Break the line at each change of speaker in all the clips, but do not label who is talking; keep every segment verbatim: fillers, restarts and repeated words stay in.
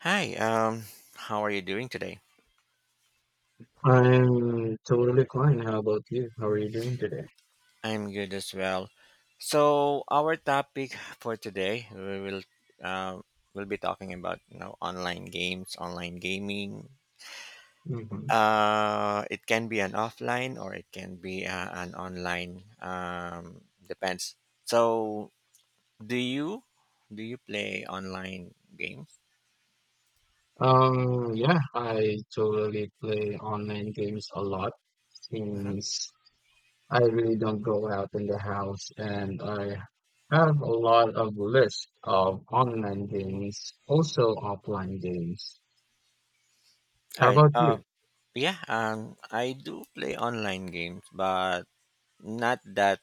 Hi, um, how are you doing today?
I'm totally fine. How about you? How are you doing today?
I'm good as well. So our topic for today, we will uh, we'll be talking about you know online games, online gaming.
Hmm.
Uh, it can be an offline or it can be uh, an online. Um, depends. So do you do you play online games?
Um, yeah, I totally play online games a lot
Mhm.
since I really don't go out in the house and I have a lot of lists of online games, also offline games.
All
How
right.
about you?
Uh, yeah. Um, I do play online games, but not that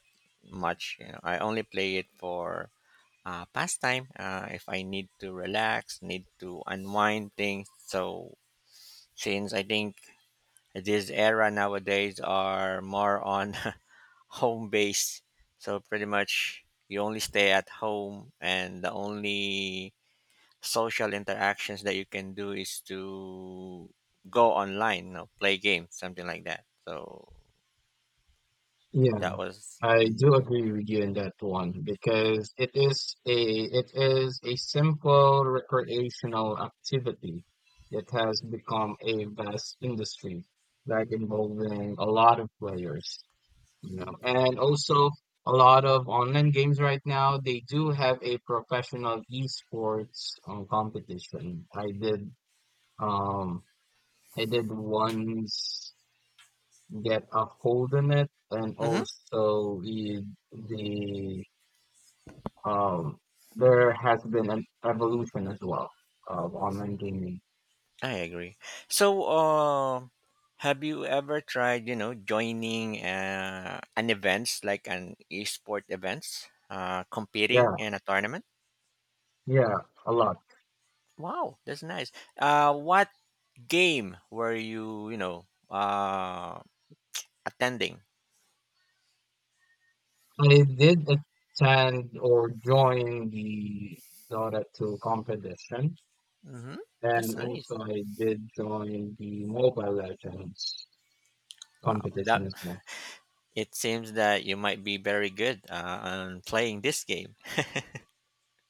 much. You know, I only play it for uh, pastime. Uh, if I need to relax, need to unwind things. So since I think this era nowadays are more on home base, so pretty much you only stay at home, and the only social interactions that you can do is to go online, you know, play games, something like that. So that
Yeah.
was.
I
Mhm.
do agree with you in that one because it is a it is a simple recreational activity that has become a vast industry, like involving a lot of players, you know, and also a lot of online games right now, they do have a professional esports um, competition. I did um I did once get a hold in it, and
Mhm.
also the the um, there has been an evolution as well of online gaming.
I agree. So, uh, have you ever tried, you know, joining uh, an events like an esport events, uh, competing
Yeah,
in a tournament?
yeah, a lot.
Wow, that's nice. Uh, what game were you, you know, uh, attending?
I did attend or join the Dota two competition,
Mm-hmm.
and
That's nice.
also I did join the Mobile Legends
Wow, that
competition as well.
it seems that you might be very good uh, on playing this game.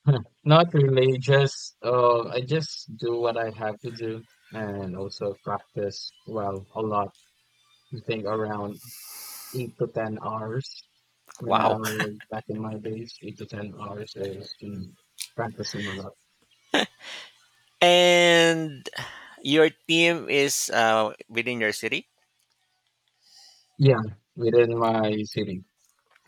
Not really, just uh, I just do what I have to do and also practice well a lot. I think around eight to ten hours. When I
Wow,
was back in my days, eight to ten hours is in practicing a lot.
and your team is uh, within your city.
Yeah, within my city.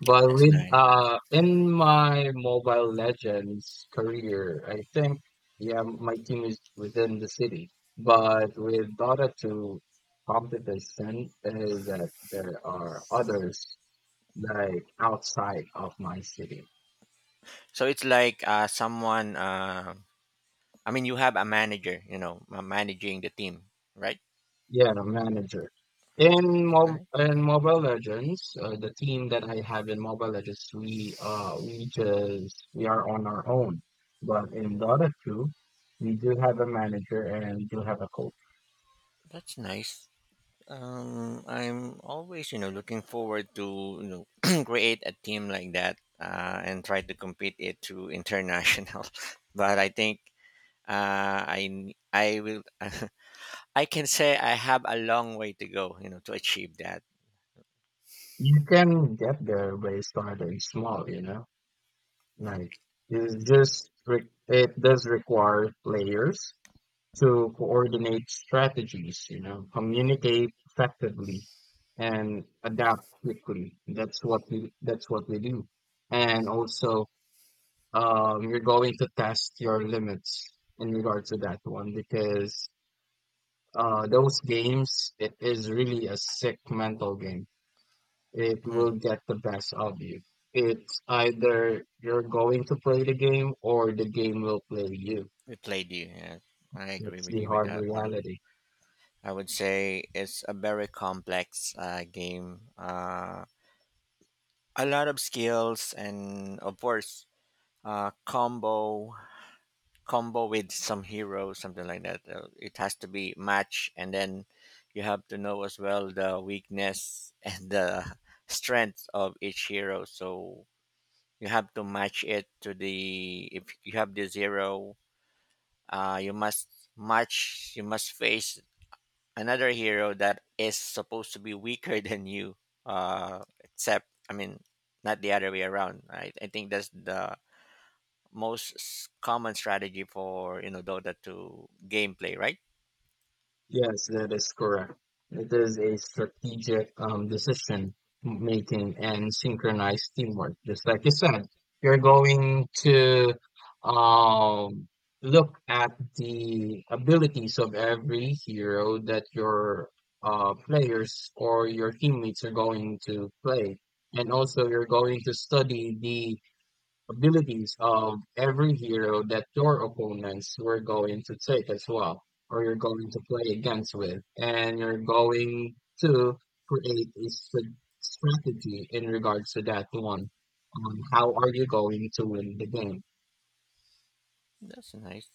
But
That's
with
nice.
uh in my Mobile Legends career, I think yeah, my team is within the city. But with Dota two, competition is that there are others like outside of my city.
So it's like uh, someone. Uh, I mean, you have a manager, you know, ma- managing the team, right?
Yeah, the manager. In Mo
Right.
in Mobile Legends, uh, the team that I have in Mobile Legends, we uh we just we are on our own. But in Dota two, we do have a manager and we do have a coach.
That's nice. Um, I'm always, you know, looking forward to you know create a team like that uh, and try to compete it to international. But I think uh, I n- I will I can say I have a long way to go, you know, to achieve that.
You can get there by starting small, you know? Like it's just re it does require players to coordinate strategies, you know, communicate effectively and adapt quickly. That's what we that's what we do. And also, um, you're going to test your limits in regard to that one because uh, those games, it is really a sick mental game. It will
Mm-hmm.
get the best of you. It's either you're going to play the game or the game will play you.
We played you. Yeah. I agree
It's
with
the
you with
hard
that one.
reality.
I would say it's a very complex uh, game. Uh, a lot of skills and of course uh, combo combo with some hero something like that. Uh, it has to be match and then you have to know as well the weakness and the strength of each hero. So you have to match it to the if you have this hero, uh, you must match you must face another hero that is supposed to be weaker than you uh except i mean not the other way around i, I think that's the most s- common strategy for, you know, Dota to gameplay, right?
Yes, that is correct. It is a strategic um, decision making and synchronized teamwork. Just like you said, you're going to um, look at the abilities of every hero that your uh, players or your teammates are going to play. And also, you're going to study the abilities of every hero that your opponents were going to take as well, or you're going to play against with, and you're going to create a str- strategy in regards to that one. On how are you going to win the game?
That's nice.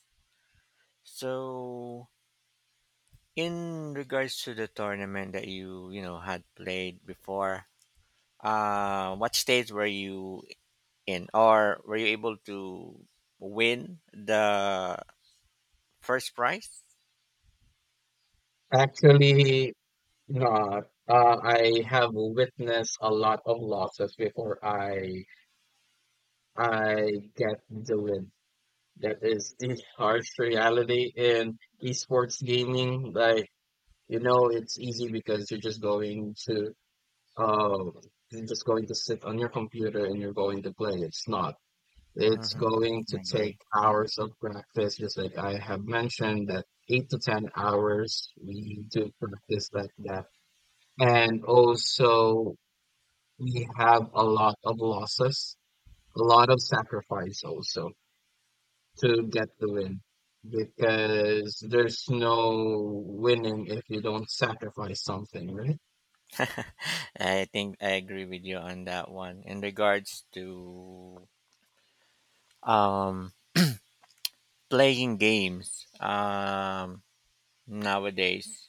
So in regards to the tournament that you you know had played before, uh what stage were you in, or were you able to win the first prize?
Actually, not. Uh, I have witnessed a lot of losses before I I get the win. That is the harsh reality in esports gaming. Like, You know, it's easy because you're just going to um you're just going to sit on your computer and you're going to play. It's not. It's
Hmm,
going
I
to
agree.
take hours of practice, just like I have mentioned, that eight to ten hours we need to practice like that. And also, we have a lot of losses, a lot of sacrifice also, to get the win, because there's no winning if you don't sacrifice something, right?
I think I agree with you on that one. In regards to um playing games, um nowadays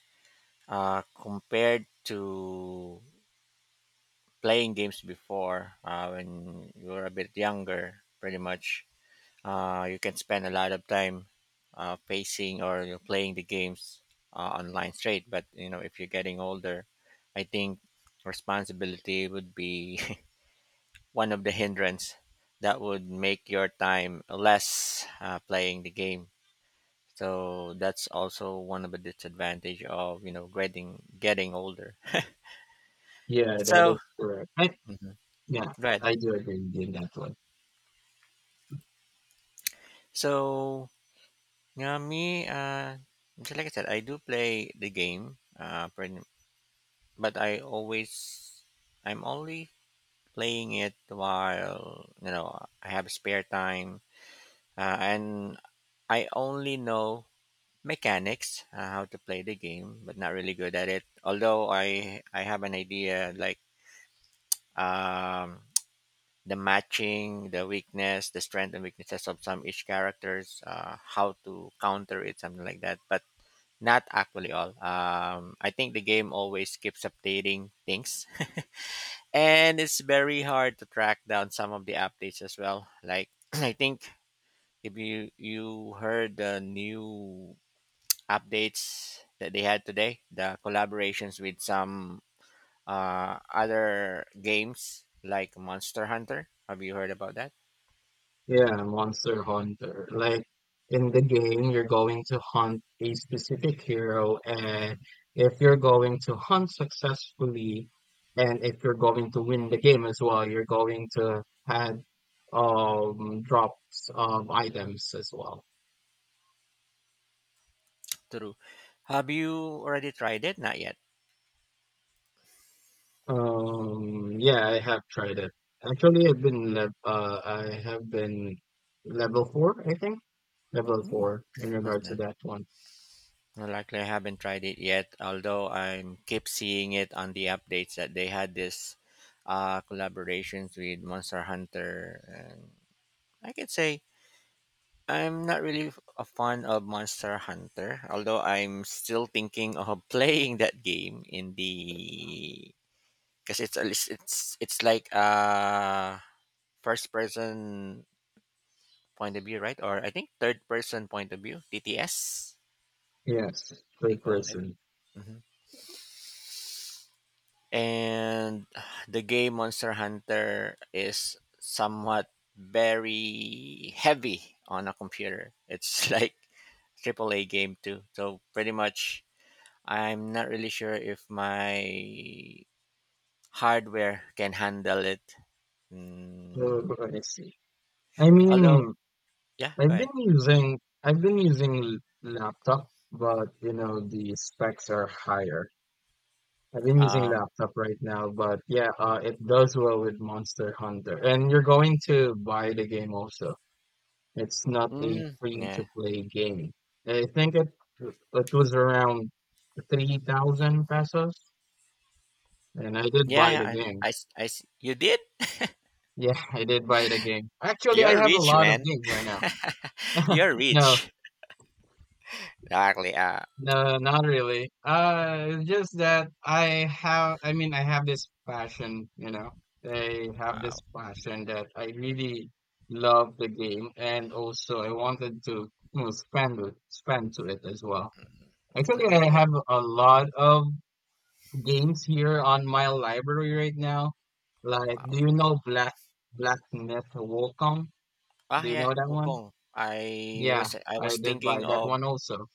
uh compared to playing games before uh when you were a bit younger, pretty much uh you can spend a lot of time uh facing or you're playing the games uh, online straight, but you know if you're getting older, I think responsibility would be one of the hindrance that would make your time less uh, playing the game, so that's also one of the disadvantage of, you know, getting getting older.
Yeah, that
So
is correct. I,
Mhm.
yeah,
Right.
I do agree with you in that one.
So yeah, me uh just like I said, I do play the game uh pretty- but I always i'm only playing it while, you know, I have spare time, uh, and I only know mechanics, uh, how to play the game, but not really good at it. Although I I have an idea like um, the matching, the weakness, the strength and weaknesses of some each characters, uh, how to counter it, something like that. But not actually all. Um, I think the game always keeps updating things, and it's very hard to track down some of the updates as well. Like I think if you you heard the new updates that they had today, the collaborations with some uh, other games like Monster Hunter. Have you heard about that?
Yeah, Monster Hunter. Like in the game, you're going to hunt a specific hero, and
Mhm.
if you're going to hunt successfully, and if you're going to win the game as well, you're going to have um drops of items as well.
True. Have you already tried it? Not yet.
Um, yeah, I have tried it. Actually, I've been lev uh, I have been level four, I think. level
Hmm.
four in
Not
regard to
yet.
that one.
Well, likely I haven't tried it yet, although I'm keep seeing it on the updates that they had this uh, collaborations with Monster Hunter. And I can say I'm not really a fan of Monster Hunter, although I'm still thinking of playing that game in the because it's a lis- it's it's like a first person point of view, right? Or I think third person point of view, T T S
Yes,
they
third
call it.
person.
Hmm. And the game Monster Hunter is somewhat very heavy on a computer. It's like triple A game too. So pretty much I'm not really sure if my hardware can handle it.
Uh,
Mm,
I see. I
although,
mean,
yeah, go
I've
ahead.
been using I've been using l- laptop, but you know the specs are higher. I've been using
Um,
laptop right now, but yeah, uh, it does well with Monster Hunter. And you're going to buy the game also. It's not a
hmm
free to
yeah,
play game. I think it it was around three thousand pesos, and I did
yeah,
buy the
yeah.
game.
I, I s- I s- you did.
Yeah, I did buy the game. Actually, I
You're
have a
rich,
lot of
man.
games right now.
You're
No,
rich. Exactly. Uh,
no, not really. Uh, it's just that I have, I mean, I have this passion, you know, I have
wow.
this passion that I really love the game, and also I wanted to, you know, spend it, spend to it as well.
I
Actually, I
really? Ho-
have a lot of games here on my library right now. Like, do
wow.
you know Black Black Myth Wukong?
Ah,
Do you know
yeah,
that one?
Wukong. I
Yeah,
was I
I
was
did buy
thinking
that
of
one also.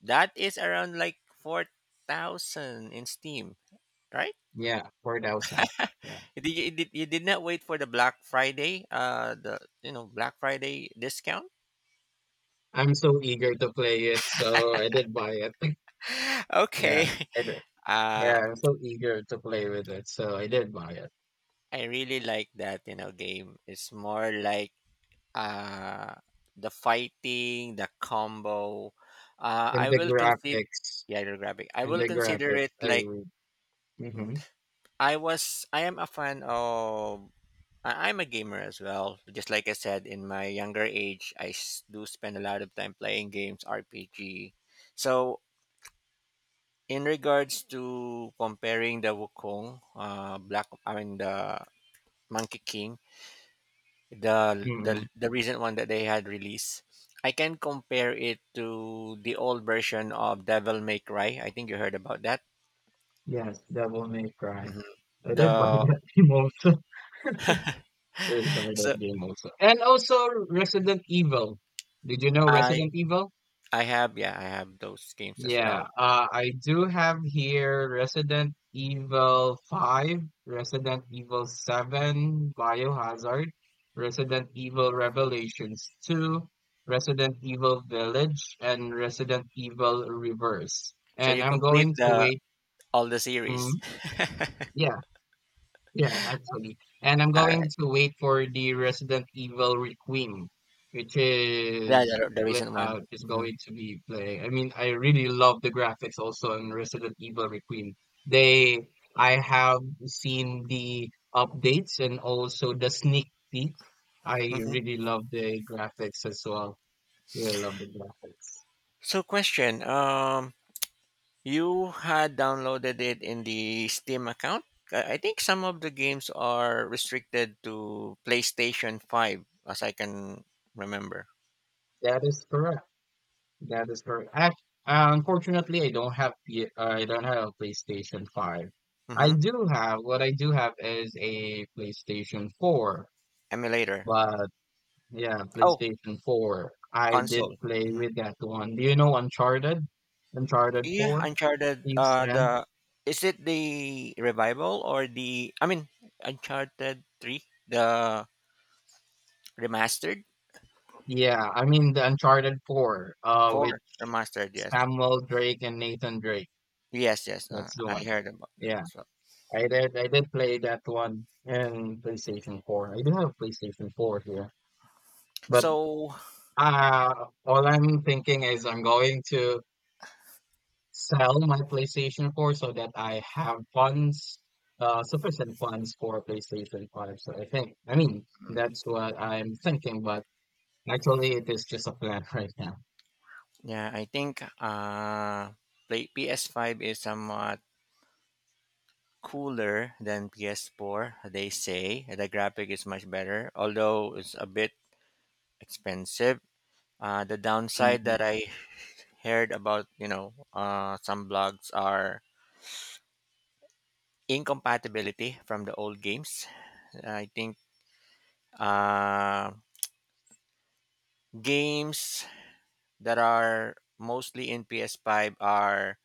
that is around like four thousand in Steam, right?
Yeah, four thousand. Yeah.
You did, you did, you did not wait for the Black Friday, uh, the, you know, Black Friday discount.
I'm so eager to play it, so I did buy it. Yeah,
Okay,
I did. Yeah,
uh,
I'm so eager to play with it, so I did buy it.
I really like that, you know, game. It's more like uh, the fighting, the combo. Uh,
And
I
the
will consider,
graphics,
yeah, you graphic I
and
will
the
consider
graphics,
it
I
like
read.
mm,
Mm-hmm.
I was. I am a fan of. I- I'm a gamer as well. Just like I said, in my younger age, I s- do spend a lot of time playing games, R P G. So in regards to comparing the Wukong, uh, Black, I mean the Monkey King, the
Mm-hmm.
the the recent one that they had released, I can compare it to the old version of Devil May Cry. I think you heard about that.
Yes, Devil May Cry.
Mhm.
I did buy
The
that game also. I did buy
so
that game also. And also Resident Evil. Did you know
I
Resident Evil?
I have, yeah, I have those games as
Yeah,
well.
uh, I do have here Resident Evil five, Resident Evil seven, Biohazard, Resident Evil Revelations two, Resident Evil Village, and Resident Evil Reverse.
So
And
you
I'm
complete
going to
the
wait.
all the series.
Mm, yeah, yeah, actually. And I'm
All
going
right,
to wait for the Resident Evil Requiem, which
yeah,
is
the, the
le-
recent
uh,
one.
which is
Hmm.
going to be play. I mean, I really love the graphics also in Resident Evil Requiem. They, I have seen the updates and also the sneak peek. I
Hmm.
really love the graphics as well. Really love the graphics.
So question, um, you had downloaded it in the Steam account. I I think some of the games are restricted to PlayStation five, as I can remember.
That is correct. That is correct. Act- uh, unfortunately, I don't have P- uh, I don't have a PlayStation five. I
Mm-hmm.
do have what I do have is a PlayStation four,
Emulator.
but yeah,
Oh,
PlayStation four. I
console.
did play
Hmm.
with that one. Do you know Uncharted? Uncharted
Yeah,
four?
Uncharted.
Thieves
Uh,
End?
the is it the revival or the? I mean, Uncharted Three, the remastered
Yeah, I mean the Uncharted four, uh, with
four remastered. Yes,
Samuel Drake and Nathan Drake.
yes, yes. Uh,
That's the
I
one.
heard about that
Yeah,
as well.
I did. I did play that one in PlayStation four. I do have PlayStation four here. But
So
uh, all I'm thinking is I'm going to sell my PlayStation four so that I have funds, uh, sufficient funds for PlayStation five. So I think, I mean,
hmm.
that's what I'm thinking, but actually it is just a plan right now.
Yeah, I think uh, play P S five is somewhat cooler than P S four. They say the graphic is much better, although it's a bit expensive. Uh, the downside
Mhm.
that I heard about, you know, uh, some blogs are incompatibility from the old games. I think uh, games that are mostly in P S five are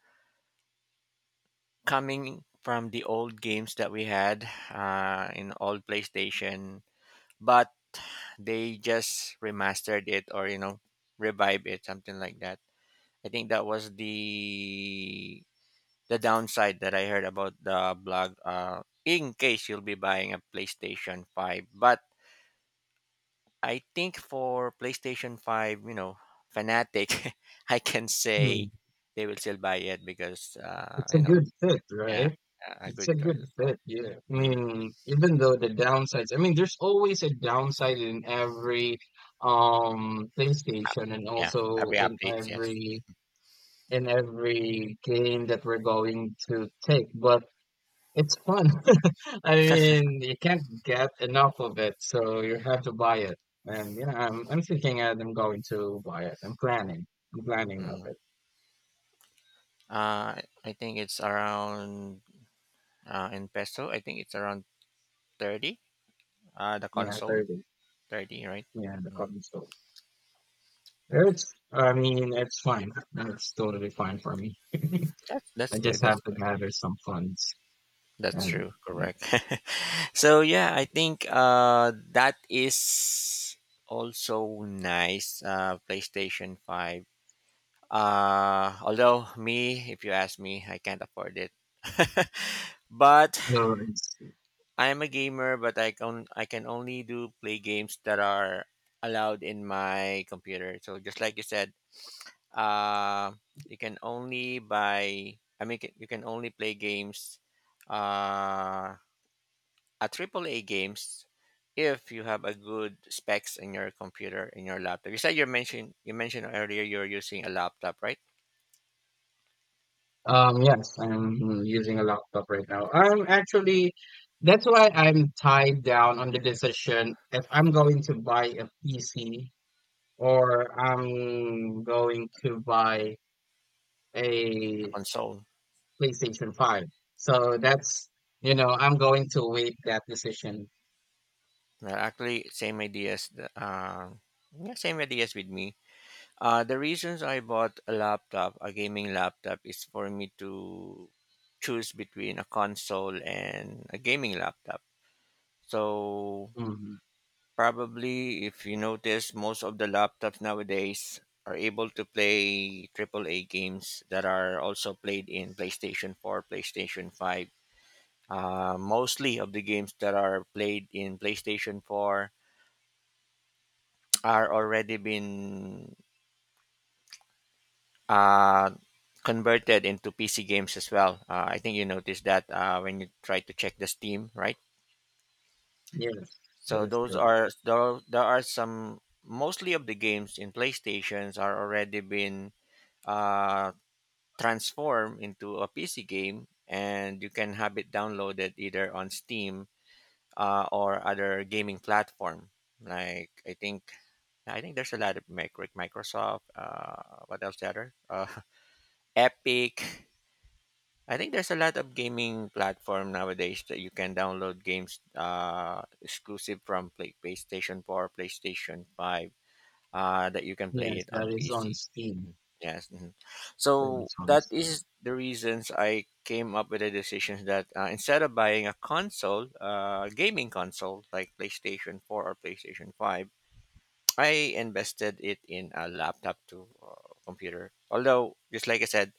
coming from the old games that we had uh, in old PlayStation, but they just remastered it or, you know, revive it, something like that. I think that was the the downside that I heard about the blog. Uh, in case you'll be buying a PlayStation Five, but I think for PlayStation Five, you know, fanatic, I can
Mm.
say they will still buy it because uh,
It's a
you know,
good fit,
yeah,
right?
a a
It's
good
a
choice
good
as well.
fit, yeah. I
Hmm.
mean, even though the downsides, I mean, there's always a downside in every um PlayStation and
Yeah,
also
every
in
updates, yes.
every in every game that we're going to take, but it's fun. I mean, you can't get enough of it, so you have to buy it. And yeah, I'm I'm thinking and I'm going to buy it. I'm planning. I'm planning of
Mm.
it.
Uh, I think it's around uh, in peso. I think it's around thirty. Uh, the
Yeah,
console
thirty.
thirty, right?
Yeah, the
Mm,
console.
yes,
It's I mean, it's fine. It's totally fine for me.
that's
I
that's good.
just have
That's
to
good.
gather some funds
That's
and
true.
you
Correct. So yeah, I think uh, that is also nice. Uh, PlayStation Five. Uh, although me, if you ask me, I can't afford it. But
know, it's.
I am a gamer, but I can I can only do play games that are allowed in my computer. So just like you said, uh, you can only buy. I mean, ca- you can only play games, uh, a triple A games, if you have a good specs in your computer in your laptop. You said you mentioned you mentioned earlier you're using a laptop, right?
Um, yes, I'm using a laptop right now. I'm actually, that's why I'm tied down on the decision if I'm going to buy a P C or I'm going to buy a
Console.
PlayStation five. So that's, you know, I'm going to wait that decision.
Well, actually, same ideas. the- Uh, yeah, same ideas with me. Uh, the reasons I bought a laptop, a gaming laptop, is for me to choose between a console and a gaming laptop. So
Hmm.
probably, if you notice, most of the laptops nowadays are able to play triple A games that are also played in PlayStation four, PlayStation five. Uh, mostly of the games that are played in PlayStation four are already been uh, converted into P C games as well. Uh, I think you noticed that uh, when you try to check the Steam, right?
Yes, that
So
is
those
correct.
are there, there are some mostly of the games in PlayStations are already been uh, transformed into a P C game, and you can have it downloaded either on Steam uh, or other gaming platform. Like I think I think there's a lot of mic- like Microsoft. Uh, what else? The other uh, Epic. I think there's a lot of gaming platform nowadays that you can download games uh, exclusive from play- PlayStation four, PlayStation five, uh, that you can play
Yes,
it
that
on
is on
P C.
Steam.
Mhm. Yes. Mhm.
That
So
is on
that
Steam.
is the reasons I came up with the decision that uh, instead of buying a console, uh, gaming console like PlayStation four or PlayStation five, I invested it in a laptop to uh, computer. Although, just like I said,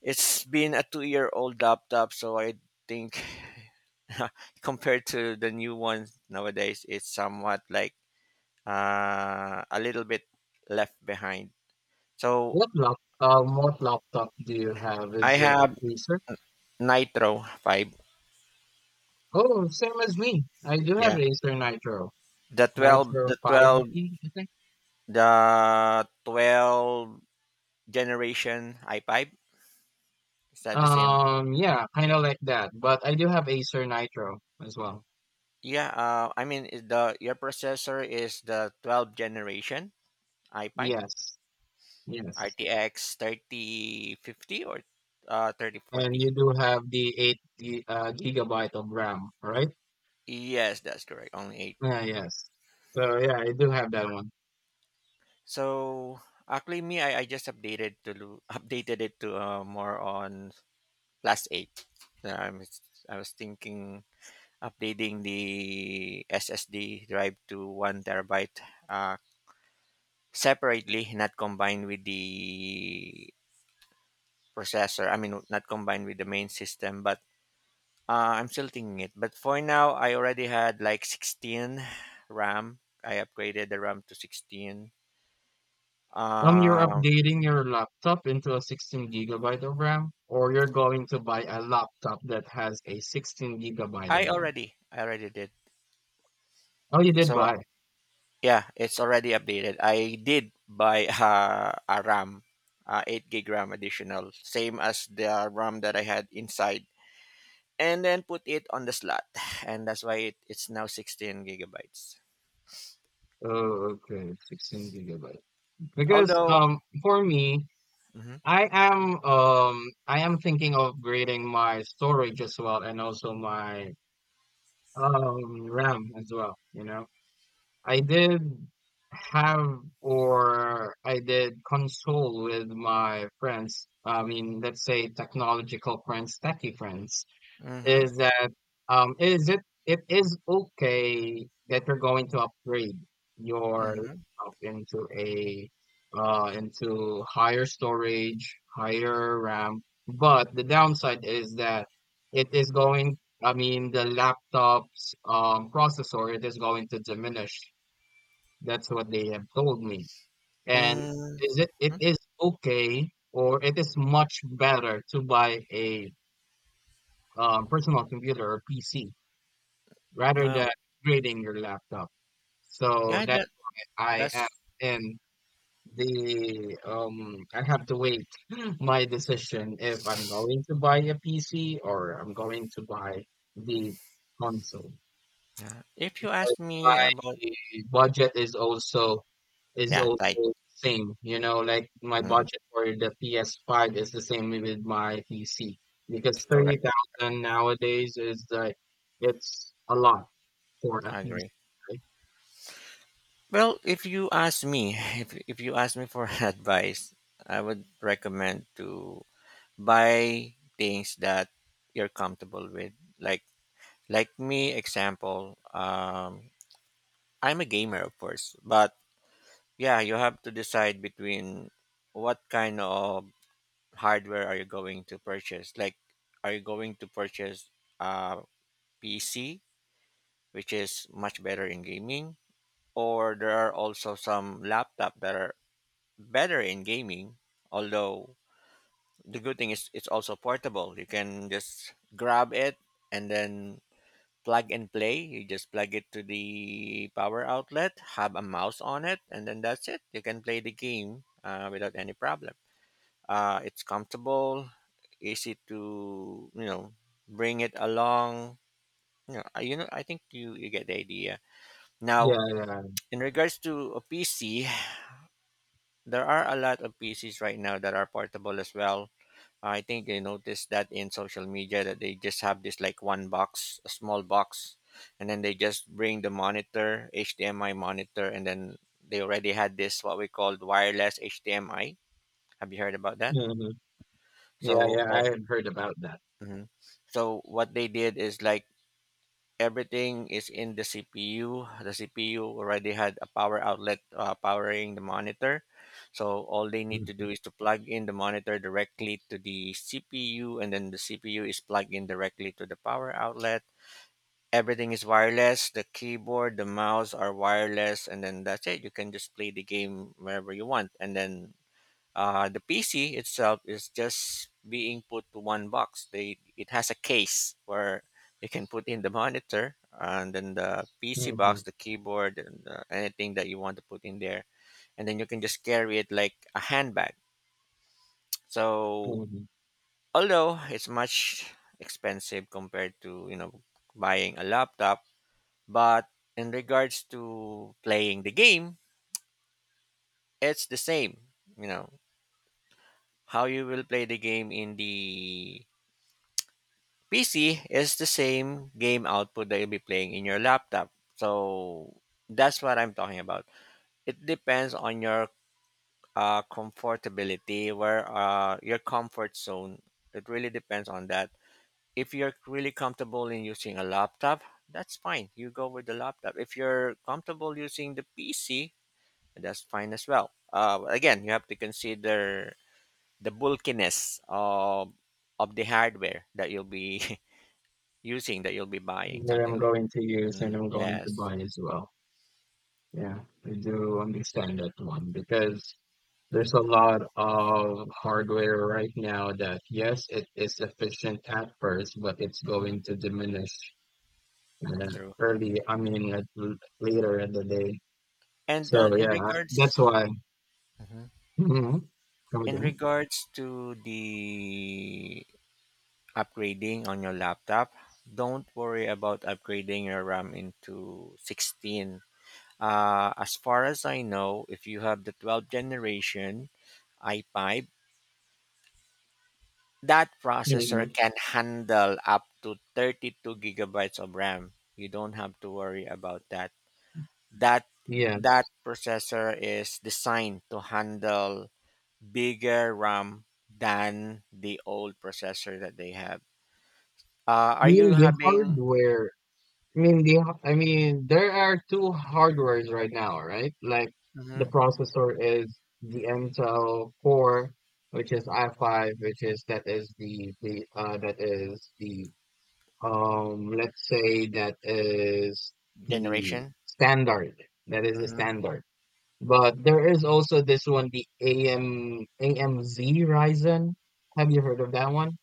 it's been a two-year-old laptop, so I think compared to the new ones nowadays, it's somewhat like uh, a little bit left behind. So
What lap, um, what laptop do you have?
I
Is it
have
Acer?
Nitro five.
Oh, same as me. I do have
Yeah,
Acer Nitro,
the twelve,
Nitro
the
five G,
twelve,
E. I think.
the twelve generation i five. Is that the same?
Um, yeah, kind of like that. But I do have Acer Nitro as well.
Yeah. Uh, I mean, is the your processor is the twelve generation i five
Yes, yes.
R T X thirty fifty or uh,
And
thirty forty.
you do have the eight gi- uh, gigabyte of RAM, right?
Yes, that's correct. Only eight.
Yeah, yes. So yeah, I do have that one.
So actually me I, I just updated to lo- updated it to uh, more on plus eight. Then I'm, I was thinking updating the S S D drive to one terabyte uh, separately, not combined with the processor. I mean not combined with the main system, but Uh, I'm still thinking it, but for now, I already had like sixteen RAM. I upgraded the RAM to sixteen.
Um, you're
Um,
updating your laptop into a sixteen gigabyte of RAM, or you're going to buy a laptop that has a sixteen gigabyte
I
of RAM.
already, I already did.
Oh, you did
So
buy.
yeah, it's already updated. I did buy uh, a RAM, uh, eight gig RAM additional, same as the RAM that I had inside, and then put it on the slot, and that's why it, it's now sixteen gigabytes.
Oh, okay, sixteen gigabyte. Because
Although,
um for me,
hmm,
I am um I am thinking of upgrading my storage as well, and also my um RAM as well, you know. I did have or I did console with my friends. I mean, let's say technological friends, techie friends,
hmm,
is that um is it it is okay that you're going to upgrade your
hmm,
laptop into a uh into higher storage, higher RAM, but the downside is that it is going I mean, the laptop's um processor, it is going to diminish. That's what they have told me. And
mm-hmm.
is it it is okay, or it is much better to buy a um, personal computer or P C rather
Well,
than upgrading your laptop. So
yeah,
that
that
I am
that's
in the um I have to wait my decision if I'm going to buy a P C or I'm going to buy the console.
Yeah. If you
Because
ask me
my
about,
budget is also is
yeah,
also
tight.
the same, you know, like my
Mm,
budget for the P S five is the same with my P C, because
correct.
thirty thousand nowadays is like it's a lot for a
I agree.
P C.
Well, if you ask me, if if you ask me for advice, I would recommend to buy things that you're comfortable with. Like like me, example, um, I'm a gamer, of course, but yeah, you have to decide between what kind of hardware are you going to purchase. Like, are you going to purchase a P C, which is much better in gaming, or there are also some laptop that are better in gaming, although the good thing is it's also portable. You can just grab it and then plug and play. You just plug it to the power outlet, have a mouse on it, and then that's it. You can play the game uh, without any problem. Uh, it's comfortable, easy to you know bring it along. You know, I- you know I think you, you get the idea
Yeah,
now.
yeah.
In regards to a P C, there are a lot of P Cs right now that are portable as well. I think they noticed that in social media that they just have this like one box, a small box, and then they just bring the monitor, H D M I monitor, and then they already had this what we called wireless H D M I. Have you heard about that?
Mhm. Yeah,
So
yeah, I
all.
had heard about that.
Mhm. So what they did is like everything is in the C P U. The C P U already had a power outlet uh, powering the monitor. So all they need to
Mhm,
do is to plug in the monitor directly to the C P U, and then the C P U is plugged in directly to the power outlet. Everything is wireless. The keyboard, the mouse are wireless, and then that's it. You can just play the game wherever you want. And then uh, the P C itself is just being put to one box. They it has a case where you can put in the monitor and then the P C
mhm,
box, the keyboard, and uh, anything that you want to put in there, and then you can just carry it like a handbag. So
mhm.
although it's much expensive compared to you know buying a laptop, but in regards to playing the game, it's the same. You know how you will play the game in the P C is the same game output that you'll be playing in your laptop. So that's what I'm talking about. It depends on your uh, comfortability, where uh, your comfort zone. It really depends on that. If you're really comfortable in using a laptop, that's fine. You go with the laptop. If you're comfortable using the P C, that's fine as well. Uh, again, you have to consider the bulkiness of of the hardware that you'll be using that you'll be buying,
That
something
I'm
like.
going to use and
Mm,
I'm going to
yes.
buy as well. Yeah, I do understand that one, because there's a lot of hardware right now that, yes, it is efficient at first, but it's
Hmm,
going to diminish uh,
true.
early, I mean, at l- later in the day.
And
So,
uh, in
yeah, I- that's
regards
why.
hmm
Mhm. Come
in
again.
regards to the upgrading on your laptop, don't worry about upgrading your RAM into sixteen. Uh, as far as I know, if you have the twelfth generation i five, that processor
Mhm.
can handle up to thirty-two gigabytes of RAM. You don't have to worry about that. that
Yes.
that processor is designed to handle bigger RAM than the old processor that they have. Uh,
I
are you
mean, the
having,
hardware I mean, the, I mean, there are two hardwares right now, right? Like, the
mhm,
processor is the Intel Core, which is i five, which is that is the the uh that is the um let's say, that is the
generation?
standard. That is the
Hmm.
standard. But there is also this one, the A M A M Z Ryzen. Have you heard of that one?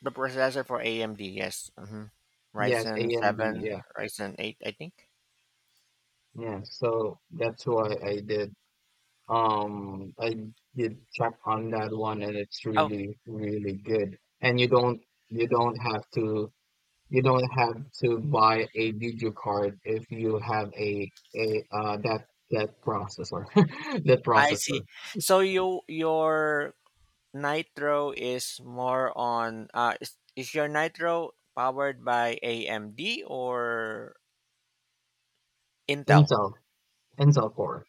The processor for A M D, yes. Hmm.
Yes,
Ryzen
A M D.
seven,
Yeah,
Ryzen eight, I think.
yeah. So that's why I did Um, I did check on that one, and it's
Oh,
really, really good. And you don't you don't have to you don't have to buy a video card if you have a a uh that that processor that
I
processor
see. So you your Nitro is more on uh, is, is your Nitro powered by A M D or Intel?
Intel Intel Core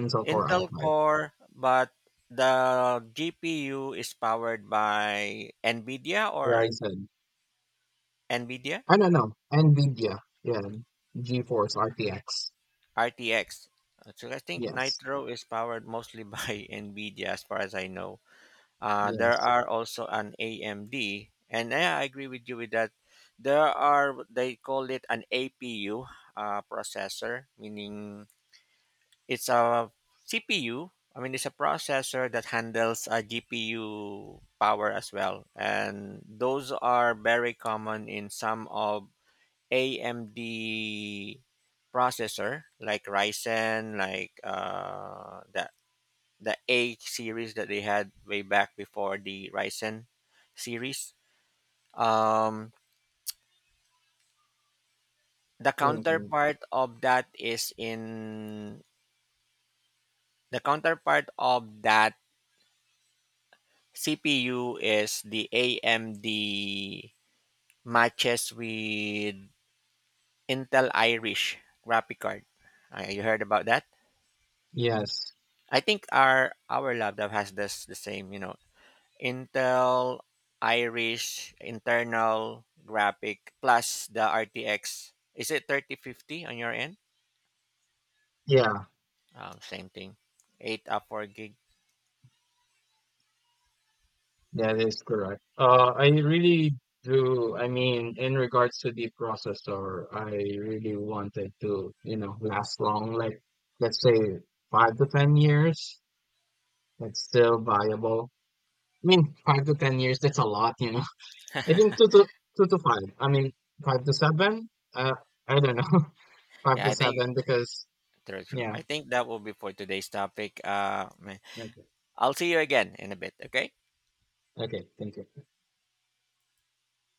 Intel Core
Intel
i five.
Core, but the G P U is powered by NVIDIA or
Ryzen.
NVIDIA
I don't know. Nvidia. Yeah. GeForce R T X.
R T X. So I think
Yes,
Nitro is powered mostly by NVIDIA, as far as I know. Uh, there
yes.
are also an A M D, and yeah, I agree with you with that. There are they call it an A P U uh, processor, meaning it's a C P U. I mean, it's a processor that handles a G P U power as well, and those are very common in some of A M D processor like Ryzen, like uh, the the A series that they had way back before the Ryzen series. Um, the
Hmm.
counterpart of that is in the counterpart of that C P U is the A M D matches with Intel Irish graphic card. Uh, you heard about that?
Yes.
I think our our laptop has this the same, you know, Intel Irish internal graphic plus the R T X. Is it thirty fifty on your end?
Yeah.
Um, same thing. eight up four gig.
That is correct. Uh, I really do. I mean, in regards to the processor, I really wanted to, you know, last long, like let's say five to ten years. That's still viable. I mean, five to ten years, that's a lot, you know. I think two to two to five. I mean, five to seven. Uh, I don't know, five
Yeah,
to
I think
seven because
true, true.
yeah.
I think that will be for today's topic. Uh, man.
Okay.
I'll see you again in a bit, okay?
Okay. Thank you.